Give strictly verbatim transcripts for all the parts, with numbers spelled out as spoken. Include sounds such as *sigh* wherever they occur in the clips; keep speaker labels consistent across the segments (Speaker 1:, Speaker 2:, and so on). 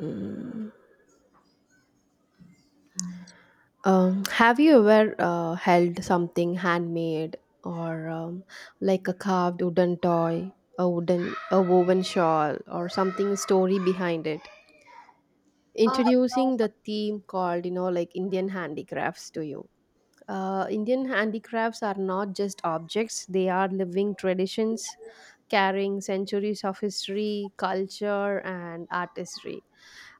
Speaker 1: Mm. Um, have you ever uh, held something handmade or um, like a carved wooden toy, a wooden, a woven shawl, or something story behind it?
Speaker 2: Uh,
Speaker 1: Introducing the theme called, you know, like Indian handicrafts to you. Uh, Indian handicrafts are not just objects; they are living traditions carrying centuries of history, culture, and artistry.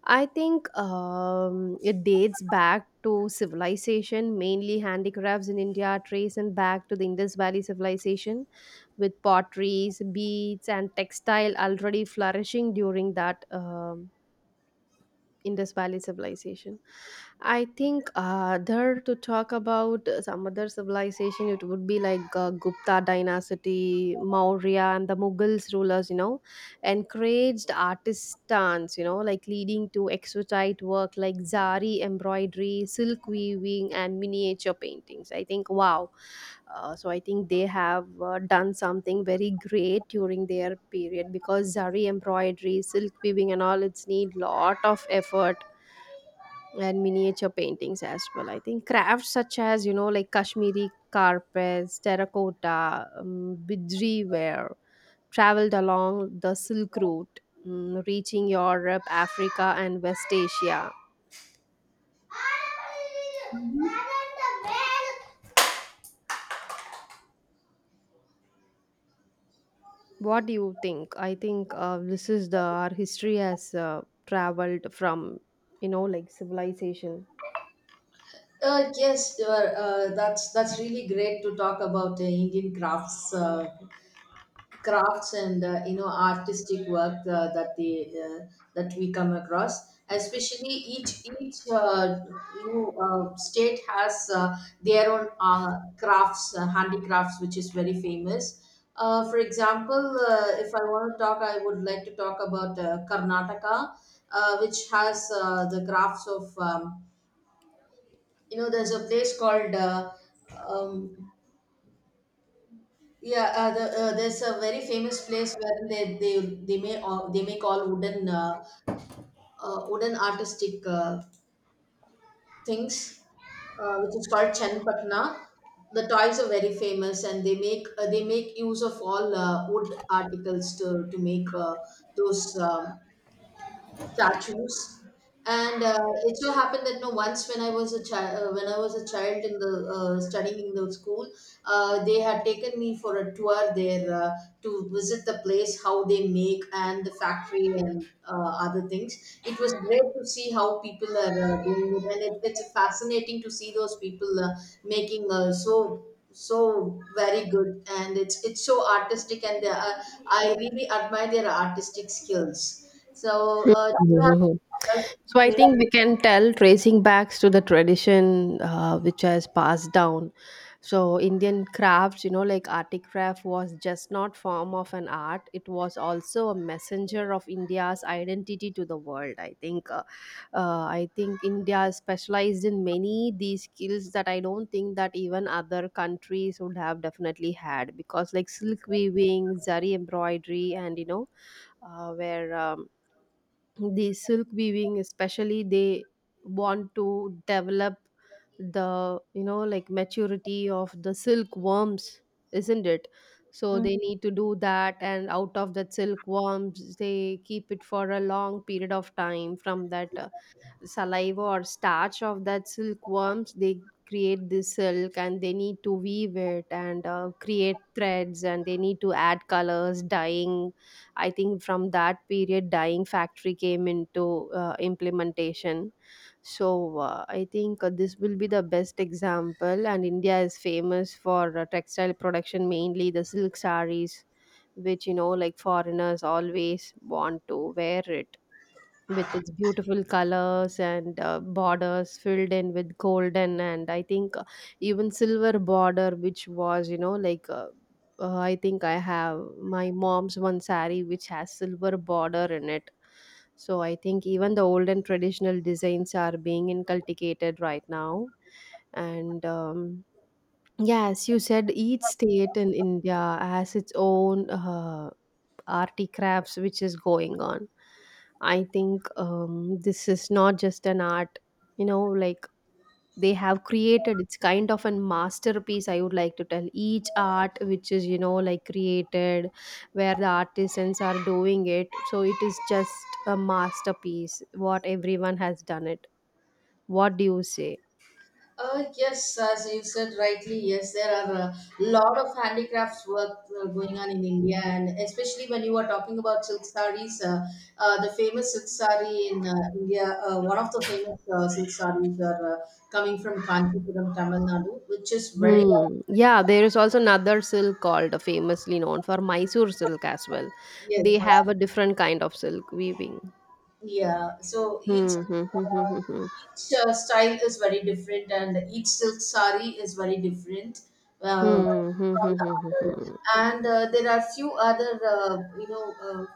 Speaker 1: I think um, it dates back to civilization, mainly handicrafts in India, tracing back to the Indus Valley civilization, with potteries, beads, and textile already flourishing during that um, Indus Valley civilization. I think uh, there to talk about uh, some other civilization, it would be like uh, Gupta dynasty, Maurya, and the Mughals rulers, you know encouraged artisans, you know, like leading to exquisite work like zari embroidery, silk weaving, and miniature paintings. I think, wow. Uh, so I think they have uh, done something very great during their period, because zari embroidery, silk weaving, and all it's need lot of effort, and miniature paintings as well. I think crafts such as you know like Kashmiri carpets, terracotta, um, bidri ware traveled along the Silk Route, mm, reaching Europe, Africa, and West Asia. What do you think? I think uh, this is the our history has uh, traveled from you know like civilization.
Speaker 2: uh, yes, uh, uh, that's that's really great to talk about uh, Indian crafts, uh, crafts and uh, you know artistic work uh, that they uh, that we come across. Especially each each uh, you know uh, state has uh, their own uh, crafts, uh, handicrafts, which is very famous. Uh, for example, uh, if I want to talk, I would like to talk about uh, Karnataka, uh, which has uh, the crafts of um, you know there's a place called uh, um, yeah uh, the, uh, there's a very famous place where they they they make all, they make all wooden uh, uh, wooden artistic uh, things uh, which is called Chenpatna. The toys are very famous, and they make uh, they make use of all uh, wood articles to to make uh, those um, statues. And uh, it so happened that no, once when I was a child uh, when I was a child in the uh, studying in the school, uh, they had taken me for a tour there uh, to visit the place how they make, and the factory and uh, other things. It was great to see how people are uh, doing it, and it, it's fascinating to see those people uh, making uh, so so very good, and it's it's so artistic, and they are, I really admire their artistic skills. so, uh, yeah,
Speaker 1: Mhm.
Speaker 2: yes,
Speaker 1: So I
Speaker 2: okay.
Speaker 1: think we can tell tracing back to the tradition uh, which has passed down. So Indian crafts, you know, like articraft was just not form of an art. It was also a messenger of India's identity to the world. I think, uh, uh, I think India is specialized in many these skills that I don't think that even other countries would have definitely had, because like silk weaving, zari embroidery, and you know, uh, where um, the silk weaving especially they want to develop the you know like maturity of the silkworms, isn't it, so
Speaker 2: Mm.
Speaker 1: they need to do that. And out of that silkworms they keep it for a long period of time. From that uh, saliva or starch of that silkworms they create this silk, and they need to weave it and uh, create threads, and they need to add colors dyeing. I think from that period dyeing factory came into uh, implementation. So uh, I think uh, this will be the best example, and India is famous for uh, textile production, mainly the silk sarees, which you know like foreigners always want to wear it with its beautiful colors and uh, borders filled in with golden. And I think uh, even silver border which was you know like uh, uh, I think I have my mom's one sari which has silver border in it. So I think even the old and traditional designs are being inculcated right now. And um, yes, you said each state in India has its own uh, arty crafts which is going on. I think um, this is not just an art, you know, like they have created, it's kind of a masterpiece. I would like to tell each art which is you know like created where the artisans are doing it, so it is just a masterpiece what everyone has done it. What do you say?
Speaker 2: Uh, yes, as you said rightly, yes, there are a lot of handicrafts work uh, going on in India, and especially when you are talking about silk sarees, uh, uh, the famous silk saree in uh, India, uh, one of the famous uh, silk sarees are uh, coming from Kanchipuram, Tamil Nadu, which is very,
Speaker 1: Hmm. Yeah, there is also another silk called uh, famously known for Mysore silk as well.
Speaker 2: yes,
Speaker 1: They
Speaker 2: my-
Speaker 1: have a different kind of silk weaving.
Speaker 2: yeah, so each
Speaker 1: Hmm. Hmm. Hmm. Hmm.
Speaker 2: uh,
Speaker 1: Hmm. Hmm.
Speaker 2: each uh, style is very different, and each silk sari is very different uh,
Speaker 1: Hmm, hmm, hmm,
Speaker 2: from the
Speaker 1: hmm, hmm,
Speaker 2: other.
Speaker 1: hmm.
Speaker 2: And uh, there are few other, uh, you know, uh,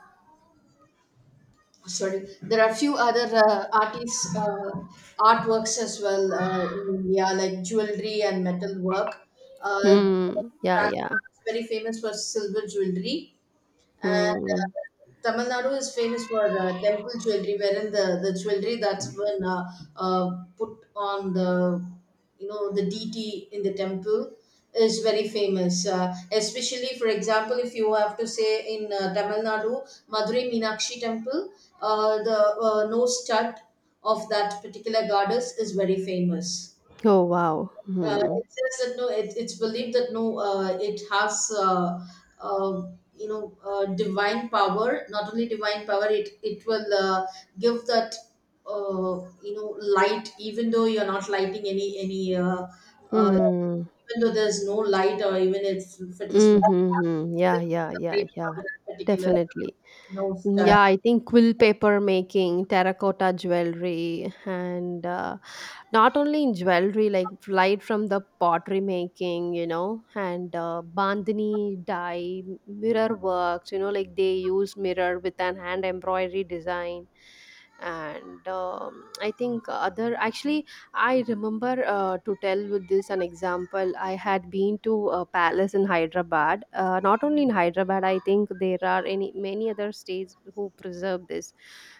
Speaker 2: sorry, there are few other uh, artists uh, artworks as well uh, in India, like jewelry and metal work. Uh,
Speaker 1: Hmm, yeah, yeah.
Speaker 2: Rajasthan is very famous for silver jewelry, and
Speaker 1: Hmm.
Speaker 2: uh, Tamil Nadu is famous for uh, temple jewelry, wherein the, the jewelry that's been uh, uh, put on the you know the deity in the temple is very famous. Uh, especially, for example, if you have to say in uh, Tamil Nadu, Madurai Meenakshi Temple, uh, the uh, nose stud of that particular goddess is very famous.
Speaker 1: Oh, wow.
Speaker 2: Uh,
Speaker 1: Hmm.
Speaker 2: it says that no, it, it's believed that no, uh, it has uh, uh, you know uh, divine power. Not only divine power, it it will uh, give that uh, you know light, even though you're not lighting any any. Uh, uh,
Speaker 1: Hmm.
Speaker 2: Even though there's no light, or even if, if it is very dark,
Speaker 1: Mm-hmm.
Speaker 2: it's
Speaker 1: Yeah,
Speaker 2: still
Speaker 1: yeah,
Speaker 2: the
Speaker 1: yeah,
Speaker 2: light
Speaker 1: yeah.
Speaker 2: from that particular
Speaker 1: Definitely.
Speaker 2: knows
Speaker 1: Mm,
Speaker 2: that
Speaker 1: yeah, I think quill paper making, terracotta jewelry, and uh, not only in jewelry, like right from the pottery making, you know, and uh, bandhani dye, mirror works, you know, like they use mirror with an hand embroidery design. And um, I think other actually I remember uh, to tell with this an example. I had been to a palace in Hyderabad. Uh, not only in Hyderabad, I think there are any many other states who preserve this.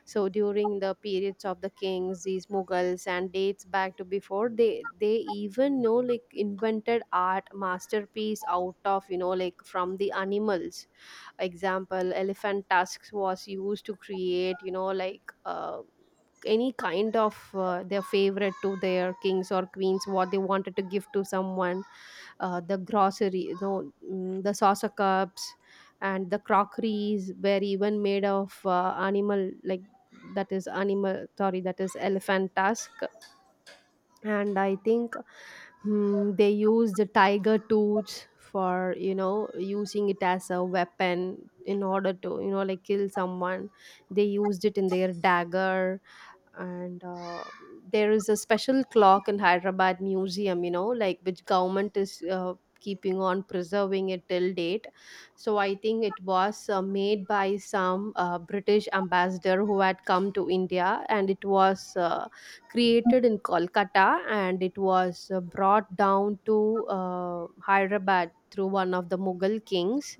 Speaker 1: So during the periods of the kings, these Mughals and dates back to before they they even you know like invented art masterpiece out of you know like from the animals. Example, elephant tusks was used to create you know like uh, any kind of uh, their favorite to their kings or queens, what they wanted to give to someone. Uh, the grocery, you know mm, the saucer cups and the crockeries were even made of uh, animal, like that is animal, sorry, that is elephant tusk. And I think mm, they used the tiger tooth for you know using it as a weapon, in order to you know like kill someone. They used it in their dagger. And uh, there is a special clock in Hyderabad museum, you know like which government is uh, keeping on preserving it till date. So I think it was uh, made by some uh, British ambassador who had come to India, and it was uh, created in Kolkata, and it was uh, brought down to uh, Hyderabad through one of the Mughal kings,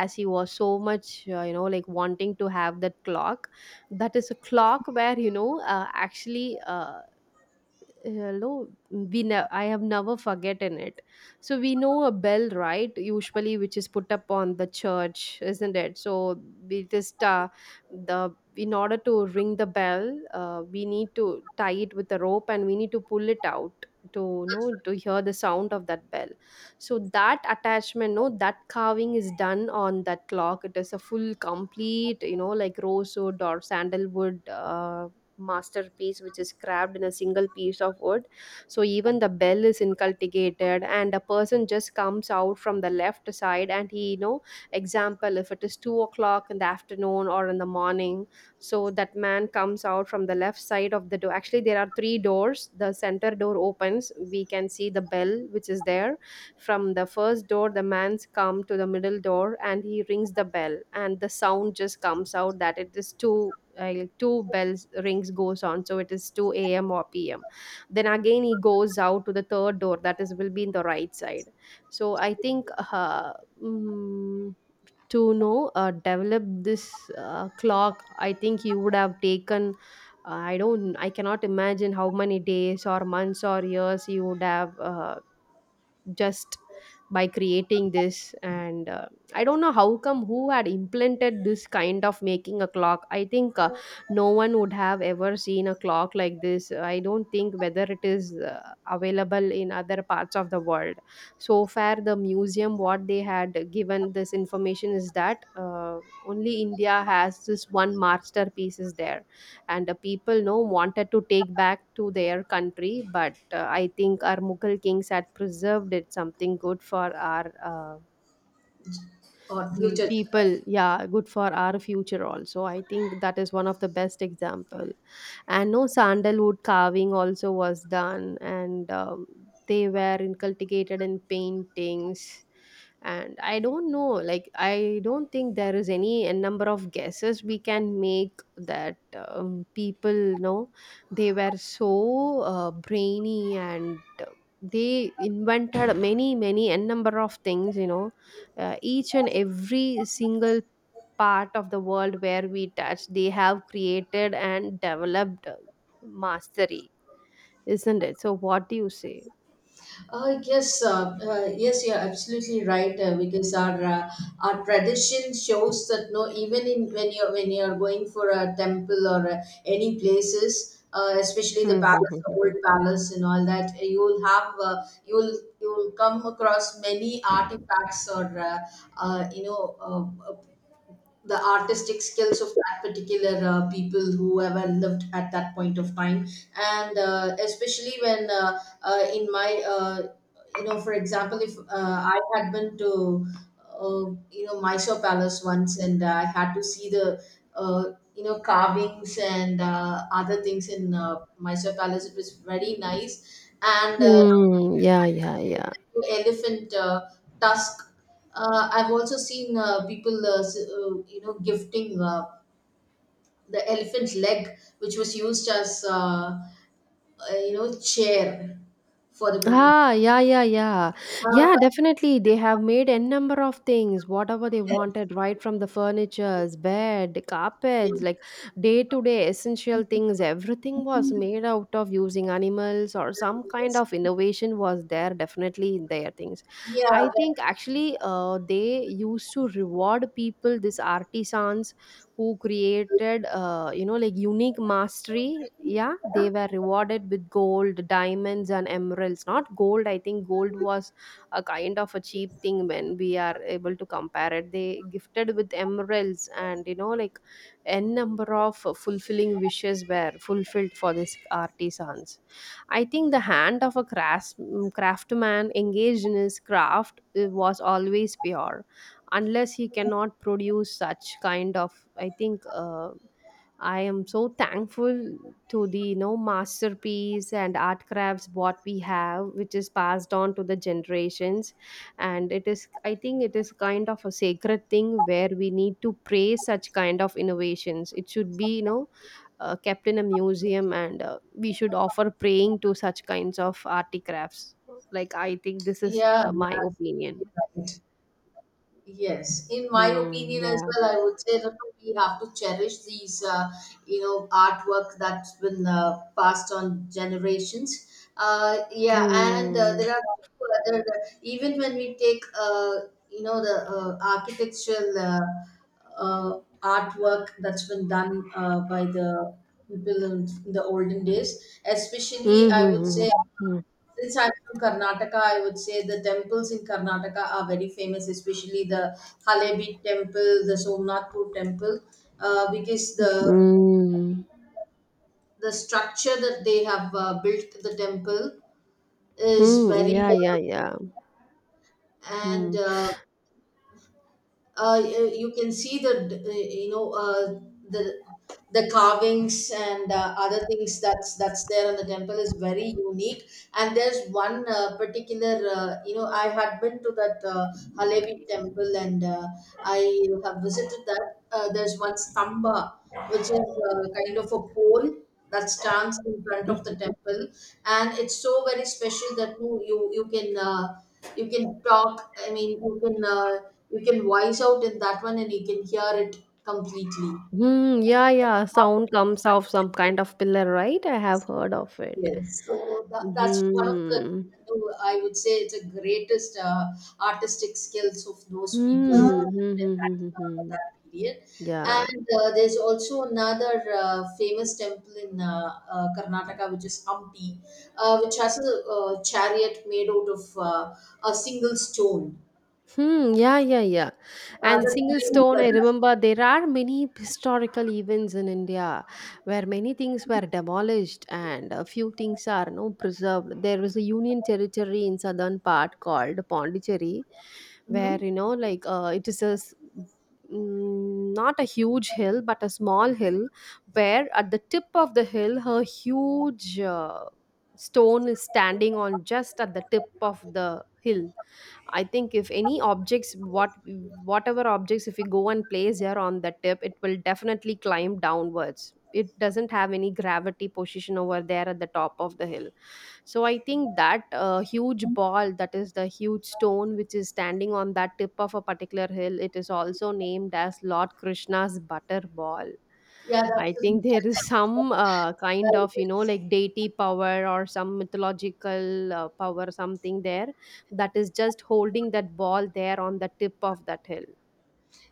Speaker 1: as he was so much uh, you know like wanting to have that clock. That is a clock where you know uh, actually uh, hello, we ne- I have never forgotten it. So we know a bell, right, usually which is put up on the church, isn't it? So we just uh, the in order to ring the bell, uh, we need to tie it with a rope, and we need to pull it out to you know to hear the sound of that bell. So that attachment no, that carving is done on that clock. It is a full complete you know like rosewood or sandalwood uh, masterpiece which is carved in a single piece of wood. So even the bell is inculcated, and a person just comes out from the left side, and he you know example, if it is two o'clock in the afternoon or in the morning. So that man comes out from the left side of the door. Actually, there are three doors. The center door opens, we can see the bell which is there. From the first door, the man's come to the middle door, and he rings the bell, and the sound just comes out, that it is two uh, two bells rings, goes on. So it is two a m or p m. Then again he goes out to the third door, that is will be in the right side. So I think uh, mm, to know uh, develop this uh, clock, I think he would have taken uh, I don't, I cannot imagine how many days or months or years he would have uh, just by creating this. And uh, I don't know how come who had implemented this kind of making a clock. I think uh, no one would have ever seen a clock like this. I don't think whether it is uh, available in other parts of the world. So far the museum what they had given this information is that uh, only India has this one masterpiece is there. And the people no wanted to take back to their country, but uh, I think our Mughal kings had preserved it something good for our uh,
Speaker 2: or
Speaker 1: Mm,
Speaker 2: future.
Speaker 1: people, yeah, good for our future also. I think that is one of the best example. And no sandalwood carving also was done, and um, they were inculcated in paintings. And I don't know, like I don't think there is any a number of guesses we can make that um, people know they were so uh, brainy, and they invented many many n number of things, you know uh, each and every single part of the world where we touch they have created and developed mastery. Isn't it? So what do you say?
Speaker 2: Uh, yes, uh, uh, yes, you're absolutely right. Uh, because our uh, our tradition shows that no, even in when you're when you're going for a temple or uh, any places, uh, especially the
Speaker 1: Hmm, hmm,
Speaker 2: palace, the
Speaker 1: hmm, hmm,
Speaker 2: old palace and all that, uh, you'll have uh, you'll you'll come across many artifacts or uh, uh, you know uh, the artistic skills of that particular uh, people who ever lived at that point of time. And uh, especially when uh, uh, in my uh, you know for example, if uh, I had been to uh, you know Mysore Palace once, and I had to see the uh, you know carvings and uh, other things in uh, Mysore Palace. It was very nice. And
Speaker 1: hmm.
Speaker 2: uh,
Speaker 1: Hmm, yeah, yeah, yeah.
Speaker 2: elephant uh, tusk. Uh, I've also seen uh, people, uh, s- uh, you know, gifting uh, the elephant's leg, which was used as, uh, uh, you know, chair for the people.
Speaker 1: Ah, yeah, yeah, yeah.
Speaker 2: Uh,
Speaker 1: Yeah,
Speaker 2: but,
Speaker 1: definitely. They have made n number of things, whatever they
Speaker 2: yeah,
Speaker 1: wanted, right from the furnitures, bed,
Speaker 2: yeah,
Speaker 1: carpets, like day to day essential things. Everything was made out of using animals, or some kind of innovation was there, definitely in their things.
Speaker 2: yeah,
Speaker 1: I think actually uh, they used to reward people, these artisans who created uh, you know, like unique mastery. Yeah, they were rewarded with gold, diamonds and emeralds. Not gold, I think gold was a kind of a cheap thing when we are able to compare it. They gifted with emeralds and, you know, like n number of fulfilling wishes were fulfilled for these artisans. I think the hand of a crafts- craftsman engaged in his craft uh, was always pure, unless he cannot produce such kind of. I think uh, I am so thankful to the, you know, masterpiece and art crafts what we have, which is passed on to the generations. And it is, I think it is kind of a sacred thing where we need to praise such kind of innovations. It should be, you know, uh, kept in a museum, and uh, we should offer praying to such kinds of arty crafts. Like, I think this is
Speaker 2: yeah,
Speaker 1: uh, my
Speaker 2: yeah,
Speaker 1: opinion.
Speaker 2: absolutely right. Yes, in my
Speaker 1: Hmm,
Speaker 2: opinion as
Speaker 1: yeah.
Speaker 2: well, I would say that we have to cherish these, uh, you know, artwork that's been uh, passed on generations. Uh, yeah, and uh,
Speaker 1: Mm.
Speaker 2: there are few other, uh, even when we take, uh, you know, the uh, architectural uh, uh, artwork that's been done uh, by the people in the olden days, especially, I would
Speaker 1: Mhm.
Speaker 2: say
Speaker 1: Mhm.
Speaker 2: since I'm from Karnataka, I would say the temples in Karnataka are very famous, especially the Halebi temple, the Somnathpur temple, uh, because
Speaker 1: Mm. Hmm.
Speaker 2: the
Speaker 1: Hmm. Hmm.
Speaker 2: the structure that they have uh, built the temple is
Speaker 1: Hmm,
Speaker 2: very.
Speaker 1: yeah, yeah, yeah.
Speaker 2: And
Speaker 1: Hmm.
Speaker 2: uh, uh, y- uh, you can see the uh, you know uh, the the carvings and uh, other things that's that's there on the temple is very unique. And there's one uh, particular uh, you know I had been to that uh, Halevi temple, and uh, I have visited that. Uh, there's one stamba which is uh, kind of a pole that stands in front of the temple, and it's so very special that you you, you can uh, you can talk, I mean you can uh, you can voice out in that one, and you can hear it completely.
Speaker 1: Hmm. Yeah, yeah. Sound comes off some kind of pillar, right? I have
Speaker 2: Yes.
Speaker 1: heard of it.
Speaker 2: Yes, so that, that's one of the,
Speaker 1: Hmm.
Speaker 2: you know, I would say it's a greatest uh, artistic skills of those people who
Speaker 1: Hmm. Hmm.
Speaker 2: lived in
Speaker 1: Hmm. Hmm.
Speaker 2: that,
Speaker 1: Hmm,
Speaker 2: uh,
Speaker 1: hmm.
Speaker 2: that period.
Speaker 1: Yeah.
Speaker 2: And uh, there's also another uh, famous temple in uh, uh, Karnataka, which is Hampi, uh, which has a uh, chariot made out of uh, a single stone.
Speaker 1: Hmm, yeah, yeah, yeah.
Speaker 2: Uh,
Speaker 1: And single stone, I
Speaker 2: the
Speaker 1: remember there are many historical events in India where many things were demolished and a few things are no preserved. There was a union territory in southern part called Pondicherry,
Speaker 2: Mhm.
Speaker 1: where,
Speaker 2: Mhm.
Speaker 1: you know, like, uh, it is a s- mm, not a huge hill but a small hill, where at the tip of the hill a huge uh, stone is standing on just at the tip of the hill. I think if any objects, what whatever objects, if we go and place here on the tip, it will definitely climb downwards. It doesn't have any gravity position over there at the top of the hill. So I think that uh, huge ball, that is the huge stone which is standing on that tip of a particular hill, it is also named as Lord Krishna's butter ball.
Speaker 2: Yeah,
Speaker 1: I
Speaker 2: that's
Speaker 1: think there is
Speaker 2: a, uh,
Speaker 1: some uh, kind of, you know,
Speaker 2: yes.
Speaker 1: like
Speaker 2: *laughs*
Speaker 1: deity power or some mythological uh, power, something there that is just holding that ball there on the tip of that hill.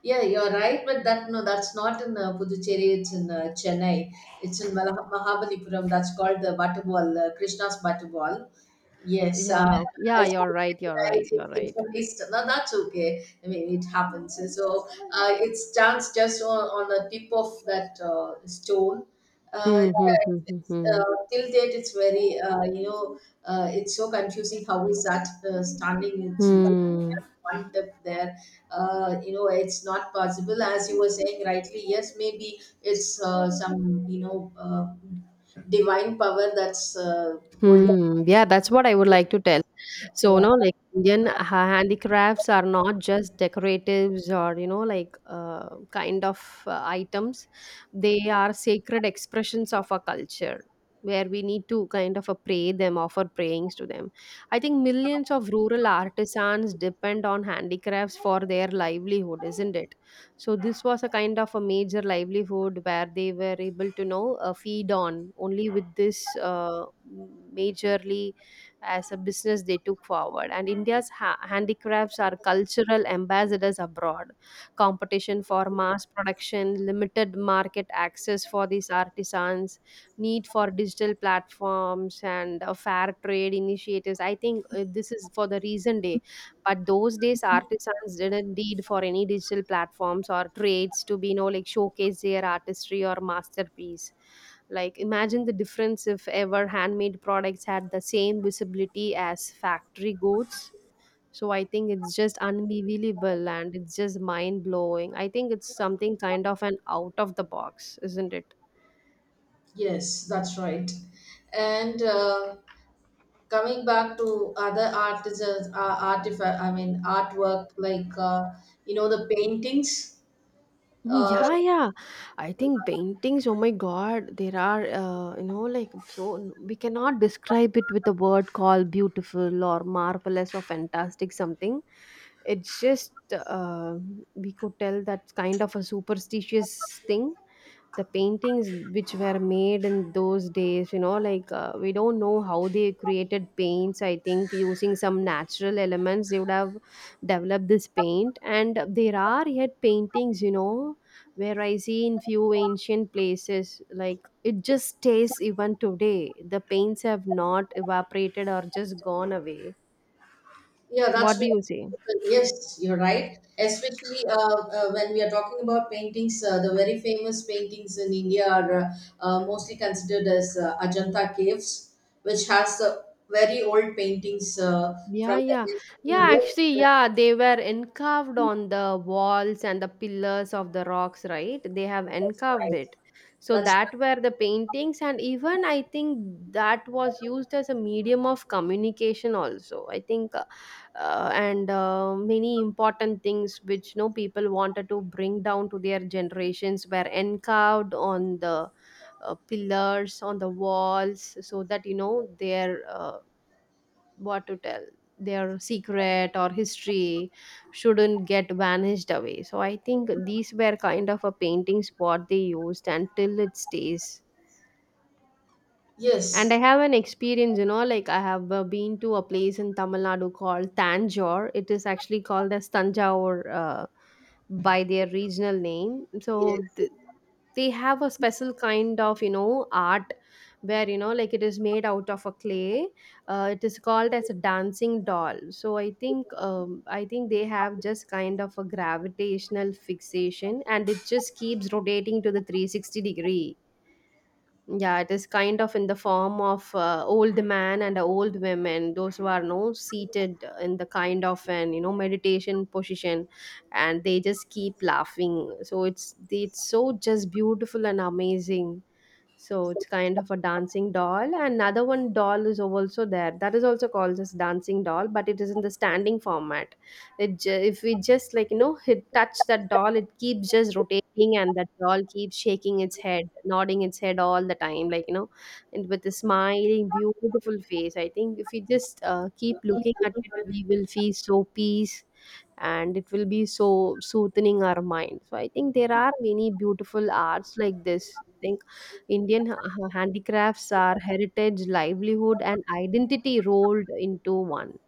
Speaker 2: Yeah, you're right, but that no, that's not in uh, Puducherry. It's in uh, Chennai. It's in Malah- Mahabalipuram. That's called the Butterball, uh, Krishna's Butterball. Yes, uh,
Speaker 1: Yeah, yeah,
Speaker 2: as you
Speaker 1: you're right,
Speaker 2: said,
Speaker 1: you're right,
Speaker 2: right, it,
Speaker 1: you're
Speaker 2: it's
Speaker 1: right.
Speaker 2: a waste. No, that's okay. I mean, it happens. So uh, it stands just on, on the tip of that uh, stone. Uh,
Speaker 1: Hmm,
Speaker 2: yeah,
Speaker 1: hmm, hmm, hmm,
Speaker 2: it's,
Speaker 1: hmm.
Speaker 2: uh, till date, it's very uh, you know uh, it's so confusing. How is that uh, standing? It's just
Speaker 1: Hmm.
Speaker 2: one tip there. uh, you know it's not possible. As you were saying rightly, yes, maybe it's uh, some you know uh, divine power that's uh, holding.
Speaker 1: Hmm. Yeah, that's what I would like to tell. So, no,
Speaker 2: Yeah.
Speaker 1: like Indian ha- handicrafts are not just decoratives or, you know, like uh, kind of uh, items. They are sacred expressions of our culture, where we need to kind of uh, pray them, offer prayings to them. I think millions of rural artisans depend on handicrafts for their livelihood, isn't it? So this was a kind of a major livelihood where they were able to know, uh, feed on only with this, uh, majorly, as a business they took forward. And India's ha- handicrafts are cultural ambassadors abroad. Competition for mass production, limited market access for these artisans, need for digital platforms and uh, fair trade initiatives. I think uh, this is for the reason day, but those days, artisans didn't need for any digital platforms or trades to be, you know, like, showcase their artistry or masterpiece. Like, imagine the difference if ever handmade products had the same visibility as factory goods. So I think it's just unbelievable and it's just mind blowing. I think it's something kind of an out of the box, isn't it?
Speaker 2: Yes, that's right. And uh, coming back to other artisans uh, artifact I mean artwork, like uh, you know the paintings.
Speaker 1: Mm,
Speaker 2: uh,
Speaker 1: yeah, yeah. I think paintings, oh my God, there are, uh, you know, like, so we cannot describe it with a word called beautiful or marvelous or fantastic something. It's just, uh, we could tell that's kind of a superstitious thing, the paintings which were made in those days, you know, like, uh, we don't know how they created paints. I think using some natural elements they would have developed this paint. And there are yet paintings, you know, where I see in few ancient places, like, it just stays even today, the paints have not evaporated or just gone away.
Speaker 2: Yeah, that's
Speaker 1: What do
Speaker 2: very-
Speaker 1: you say?
Speaker 2: yes, you're right. Especially uh, uh, when we are talking about paintings, uh, the very famous paintings in India are uh, uh, mostly considered as uh, Ajanta caves, which has uh, very old paintings uh,
Speaker 1: Yeah,
Speaker 2: from the
Speaker 1: yeah.
Speaker 2: ancient
Speaker 1: Yeah,
Speaker 2: period.
Speaker 1: actually, yeah, they were encarved on the walls and the pillars of the rocks, right? They have
Speaker 2: That's
Speaker 1: encarved
Speaker 2: right.
Speaker 1: it. So
Speaker 2: That's
Speaker 1: that
Speaker 2: right.
Speaker 1: were the paintings, and even I think that was used as a medium of communication also. I think, uh, uh, and uh, many important things which no people wanted to bring down to their generations were encarved on the uh, pillars on the walls, so that, you know, their, uh, what to tell, their secret or history shouldn't get vanished away. So I think these were kind of a paintings what they used, until it stays. And I
Speaker 2: Yes.
Speaker 1: have an experience, you know, like, I have uh, been to a place in Tamil Nadu called Tanjore. It is actually called as Tanjore uh, by their regional name, so
Speaker 2: Yes.
Speaker 1: th- they have a special kind of, you know, art, where, you know, like, it is made out of a clay. Uh, it is called as a dancing doll. So I think, um, I think they have just kind of a gravitational fixation, and it just keeps rotating to the three hundred sixty degree. Yeah, it is kind of in the form of uh, old man and old women, those who are no seated in the kind of an, you know, meditation position, and they just keep laughing. So it's it's so just beautiful and amazing. So it's kind of a dancing doll. Another one doll is also there, that is also called as dancing doll, but it is in the standing format. It ju- if we just, like, you know, hit touch that doll, it keeps just rotating and that doll keeps shaking its head, nodding its head all the time, like, you know, and with a smiling beautiful face. I think if we just uh, keep looking at it, we will feel so peace, and it will be so soothing our mind. So I think there are many beautiful arts like this. I think Indian ha- ha- handicrafts are heritage, livelihood and identity rolled into one.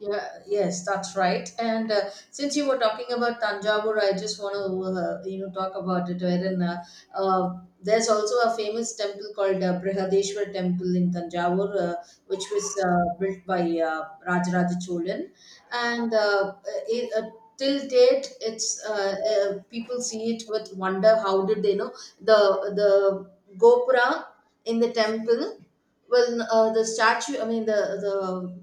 Speaker 2: Yeah, yes, that's right. And uh, since you were talking about Tanjavur, I just want to uh, you know talk about it. Wherein uh, uh, there's also a famous temple called uh, Brihadeshwar Temple in Tanjavur, uh, which was uh, built by uh, Rajaraja Cholan, and uh, uh, it, uh, till date, it's uh, uh, people see it with wonder. How did they know the the Gopura in the temple? Well, uh, the statue, I mean, the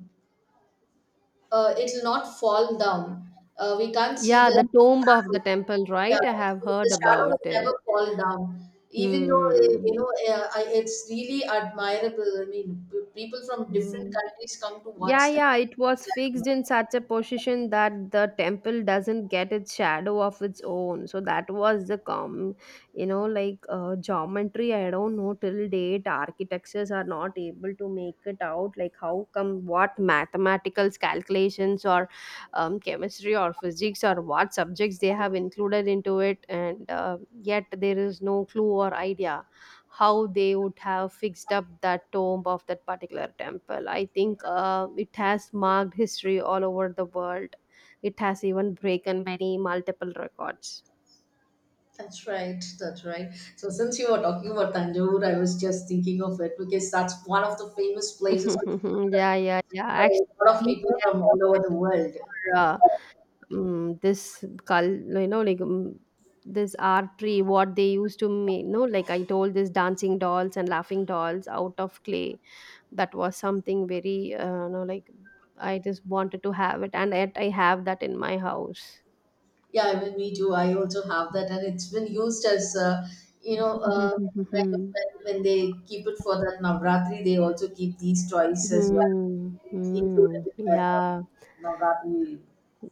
Speaker 2: uh, it'll not fall down. Uh, we can't see
Speaker 1: Yeah,
Speaker 2: the
Speaker 1: the tomb of the
Speaker 2: shadow.
Speaker 1: temple,
Speaker 2: Yeah,
Speaker 1: right? I have heard
Speaker 2: the shadow
Speaker 1: about
Speaker 2: will
Speaker 1: it.
Speaker 2: never fall down. Even though eh,
Speaker 1: Hmm.
Speaker 2: you know, eh, I- it's really admirable. I mean, p- people from different
Speaker 1: Hmm.
Speaker 2: countries come to
Speaker 1: Yeah,
Speaker 2: watch that.
Speaker 1: yeah, it was fixed in such a position that the temple doesn't get its shadow of its own. So that was the com, you know, like, uh, geometry. I don't know, till date architectures are not able to make it out. Like, how come what mathematical calculations or um, chemistry or physics or what subjects they have included into it, and uh, yet there is no clue or idea how they would have fixed up that tomb of that particular temple. I think uh, it has marked history all over the world. It has even broken many multiple records.
Speaker 2: That's right. That's right. So since you were talking about Tanjore, I was just thinking of it because that's one of the famous places
Speaker 1: *laughs* Yeah, yeah, yeah.
Speaker 2: by a
Speaker 1: Actually,
Speaker 2: lot of
Speaker 1: they
Speaker 2: people from
Speaker 1: are
Speaker 2: all over the
Speaker 1: mostly
Speaker 2: world.
Speaker 1: for uh, mm this cul, you know, like, mm this artery, what they used to make, no, like I told, this dancing dolls and laughing dolls out of clay. That was something very uh, you know, like, I just wanted to have it, and yet I have that in my house.
Speaker 2: Yeah, even me too. I also have that, and it's been used as, uh, you know, uh, kind of when
Speaker 1: *laughs*
Speaker 2: when they keep it for that Navratri, they also keep these toys as well,
Speaker 1: Mhm. Hmm.
Speaker 2: included in
Speaker 1: Hmm.
Speaker 2: that uh,
Speaker 1: Yeah.
Speaker 2: Navratri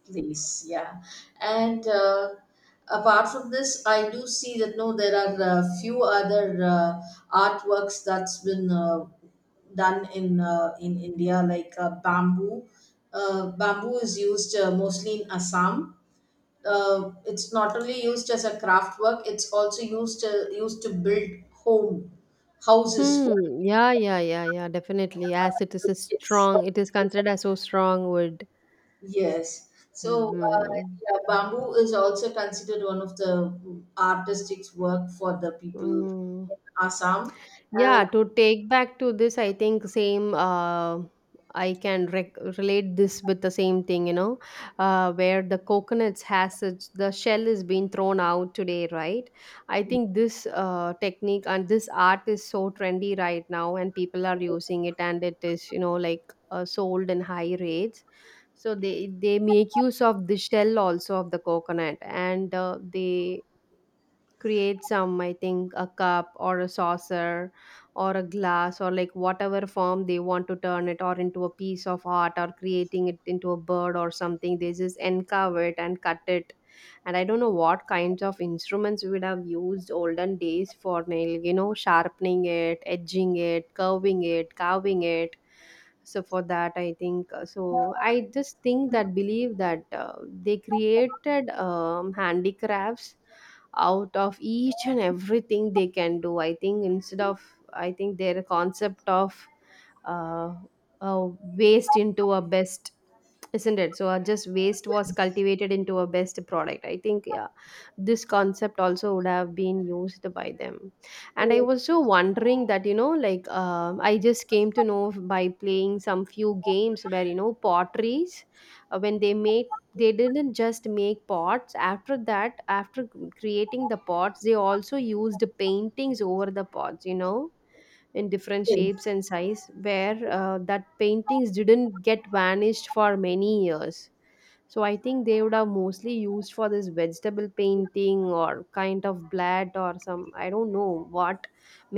Speaker 2: place. Yeah, and uh, apart from this, I do see that no, there are a few other uh, artworks that's been uh, done in uh, in India, like uh, bamboo. Uh, bamboo is used uh, mostly in Assam. Uh, it's not only used as a craft work, it's also used to, used to build home houses for.
Speaker 1: Hmm. Yeah, yeah, yeah, yeah. Definitely. As it is a
Speaker 2: Yes.
Speaker 1: strong, it is considered as so strong wood.
Speaker 2: yes so uh,
Speaker 1: Hmm.
Speaker 2: yeah, bamboo is also considered one of the artistic work for the people
Speaker 1: Hmm.
Speaker 2: in Assam. And
Speaker 1: Yeah, to take back to this, I think same. Uh, I can rec- relate this with the same thing, you know, uh, where the coconuts has such, the shell is being thrown out today, right? I think this uh, technique and this art is so trendy right now, and people are using it, and it is, you know, like, uh, sold in high rates. So they they make use of the shell also of the coconut, and uh, they create, some I think a cup or a saucer or a glass or, like, whatever form they want to turn it, or into a piece of art or creating it into a bird or something, they just encarve it and cut it. And I don't know what kinds of instruments we would have used olden days for nail, you know, sharpening it, edging it, curving it, carving it. So for that I think, uh, so I just think that, believe that uh, they created um, handicrafts out of each and everything they can do. I think instead of, I think their concept of uh, uh, waste into a best, isn't it? So uh, just waste was cultivated into a best product, I think. Yeah, this concept also would have been used by them. And I was so wondering that, you know, like, um I just came to know by playing some few games, where, you know, potteries, uh, when they made, they didn't just make pots. After that, after creating the pots, they also used paintings over the pots, you know, in different shapes
Speaker 2: yes.
Speaker 1: and size, where uh, that paintings didn't get vanished for many years. So I think they would have mostly used for this vegetable painting or kind of blood or some, I don't know what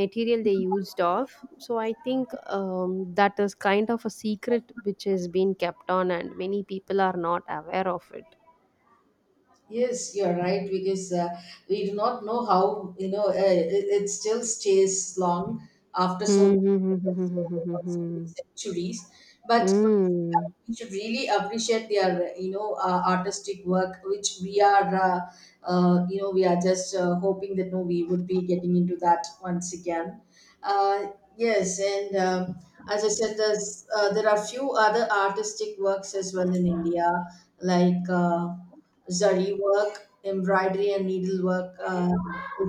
Speaker 1: material they used of. So I think um, that is kind of a secret which has been kept on, and many people are not aware of it.
Speaker 2: Yes, you're right, because uh, we do not know how you know uh, it, it still stays long after so
Speaker 1: Hmm. Hmm. Hmm.
Speaker 2: many,
Speaker 1: Hmm. Hmm.
Speaker 2: so many
Speaker 1: Hmm.
Speaker 2: centuries. But
Speaker 1: Hmm. Hmm. Hmm.
Speaker 2: we should really appreciate their you know uh, artistic work, which we are uh, uh, you know we are just uh, hoping that no we would be getting into that once again. Uh, yes, and um, as I said, there's uh, there are few other artistic works as well in India like. Uh, Zari work, embroidery and needlework, uh,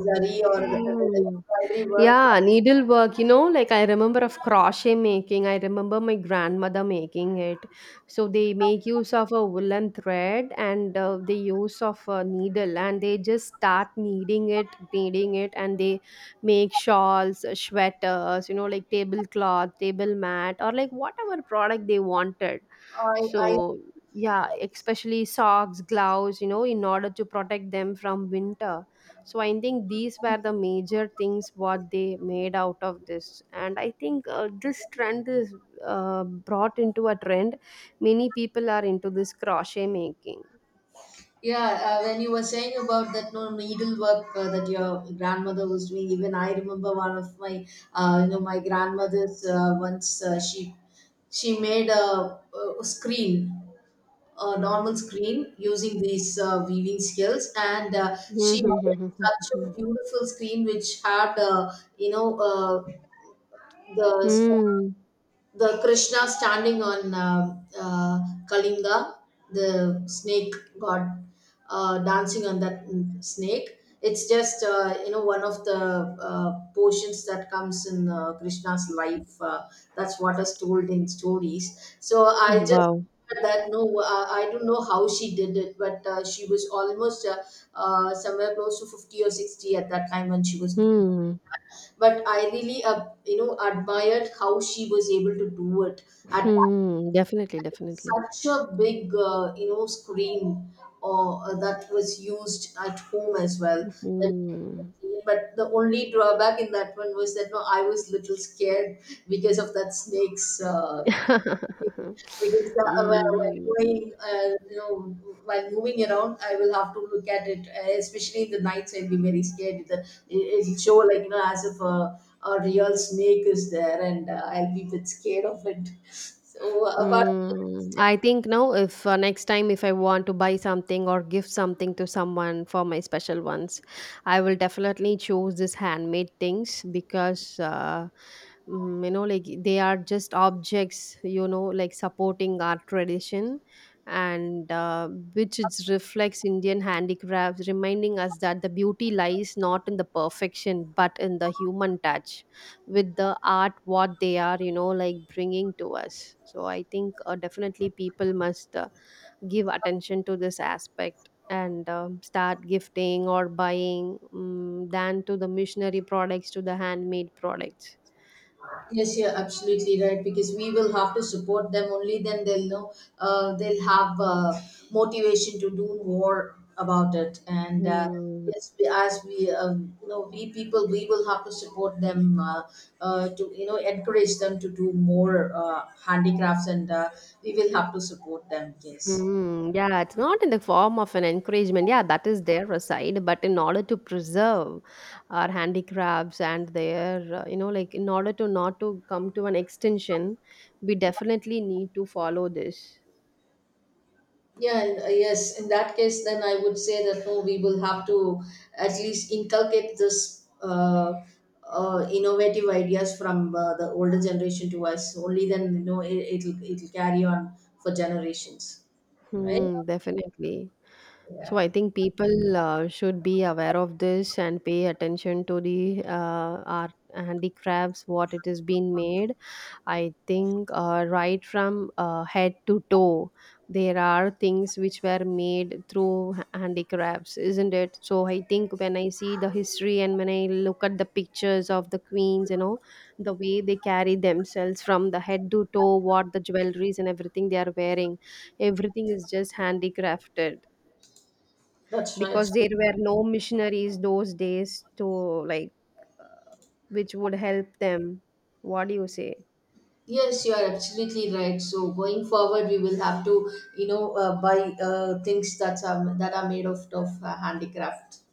Speaker 2: zari or the, the the
Speaker 1: Hmm.
Speaker 2: embroidery work.
Speaker 1: Yeah, needlework, you know, like, I remember of crochet making. I remember my grandmother making it. So they make use of a woolen thread, and uh, they use of a needle, and they just start kneading it, kneading it, and they make shawls, uh, sweaters, you know, like, tablecloth, table mat, or, like, whatever product they wanted.
Speaker 2: I, I
Speaker 1: So, yeah, especially socks, gloves, you know, in order to protect them from winter. So I think these were the major things what they made out of this. And I think uh, this trend is uh, brought into a trend. Many people are into this crochet making.
Speaker 2: yeah, uh, when you were saying about that no needlework uh, that your grandmother was doing, even I remember one of my uh, you know my grandmother's uh, once uh, she she made a, a screen, a normal screen using these uh, weaving skills. And uh, she made such a
Speaker 1: Mm-hmm.
Speaker 2: beautiful screen which had uh, you know uh, the
Speaker 1: Mm.
Speaker 2: the Krishna standing on uh, uh, Kalinga, the snake god uh, dancing on that mm, snake. It's just uh, you know one of the uh, portions that comes in uh, Krishna's life. Uh, that's what is told in stories. So I just
Speaker 1: Wow.
Speaker 2: heard that no, uh, I don't know how she did it, but uh, she was almost uh, uh, somewhere close to fifty or sixty at that time when she was.
Speaker 1: Hmm.
Speaker 2: But I really, uh, you know, admired how she was able to do it at that-
Speaker 1: Hmm. Definitely, definitely.
Speaker 2: such a big, uh, you know, screen or uh, that was used at home as well. And-
Speaker 1: Hmm.
Speaker 2: But the only drawback in that one was that no, I was little scared because of that snake's. Uh,
Speaker 1: *laughs*
Speaker 2: because uh, while while
Speaker 1: Hmm.
Speaker 2: going, uh, you know, while moving around, I will have to look at it, uh, especially in the nights. I'll be very scared. It, it'll show like you know, as if a, a real snake is there, and uh, I'll be a bit scared of it. *laughs* So apart. from
Speaker 1: Mm, I
Speaker 2: that,
Speaker 1: think now if uh, next time if I want to buy something or give something to someone for my special ones, I will definitely choose this handmade things, because uh, mm, you know, like, they are just objects, you know, like, supporting our tradition, and uh, which it reflects Indian handicrafts, reminding us that the beauty lies not in the perfection but in the human touch, with the art what they are, you know, like, bringing to us. So I think uh, definitely people must uh, give attention to this aspect, and um, start gifting or buying, um, than to the missionary products, to the handmade products.
Speaker 2: Yes, you're absolutely right, because we will have to support them. Only then they'll know, uh, they'll have uh, motivation to do more about it. And uh,
Speaker 1: Hmm.
Speaker 2: yes, we, as we, um, you know, we people, we will have to support them uh, uh, to, you know, encourage them to do more uh, handicrafts, and uh, we will have to support them. Yes.
Speaker 1: Mm, yeah, it's not in the form of an encouragement. Yeah, that is their side, but in order to preserve our handicrafts and their, uh, you know, like, in order to not to come to an extinction, we definitely need to follow this.
Speaker 2: Yeah, and, uh, yes. In that case, then I would say that no, we will have to at least inculcate this uh, uh, innovative ideas from uh, the older generation to us. Only then, you know, it, it'll it'll carry on for generations, right?
Speaker 1: Hmm, definitely. So
Speaker 2: Yeah,
Speaker 1: I think people uh, should be aware of this and pay attention to the uh, art handicrafts, what it is being made. I think uh, right from uh, head to toe, there are things which were made through handicrafts, isn't it? So I think when I see the history and when I look at the pictures of the queens, you know, the way they carry themselves from the head to toe, what the jewelries and everything they are wearing, everything is just handicrafted,
Speaker 2: that's right.
Speaker 1: because
Speaker 2: So,
Speaker 1: there were no missionaries those days to, like, uh, which would help them. What do you say?
Speaker 2: yes, you are absolutely right. So going forward, we will have to, you know, uh, buy uh, things that are that are made of of uh, handicraft.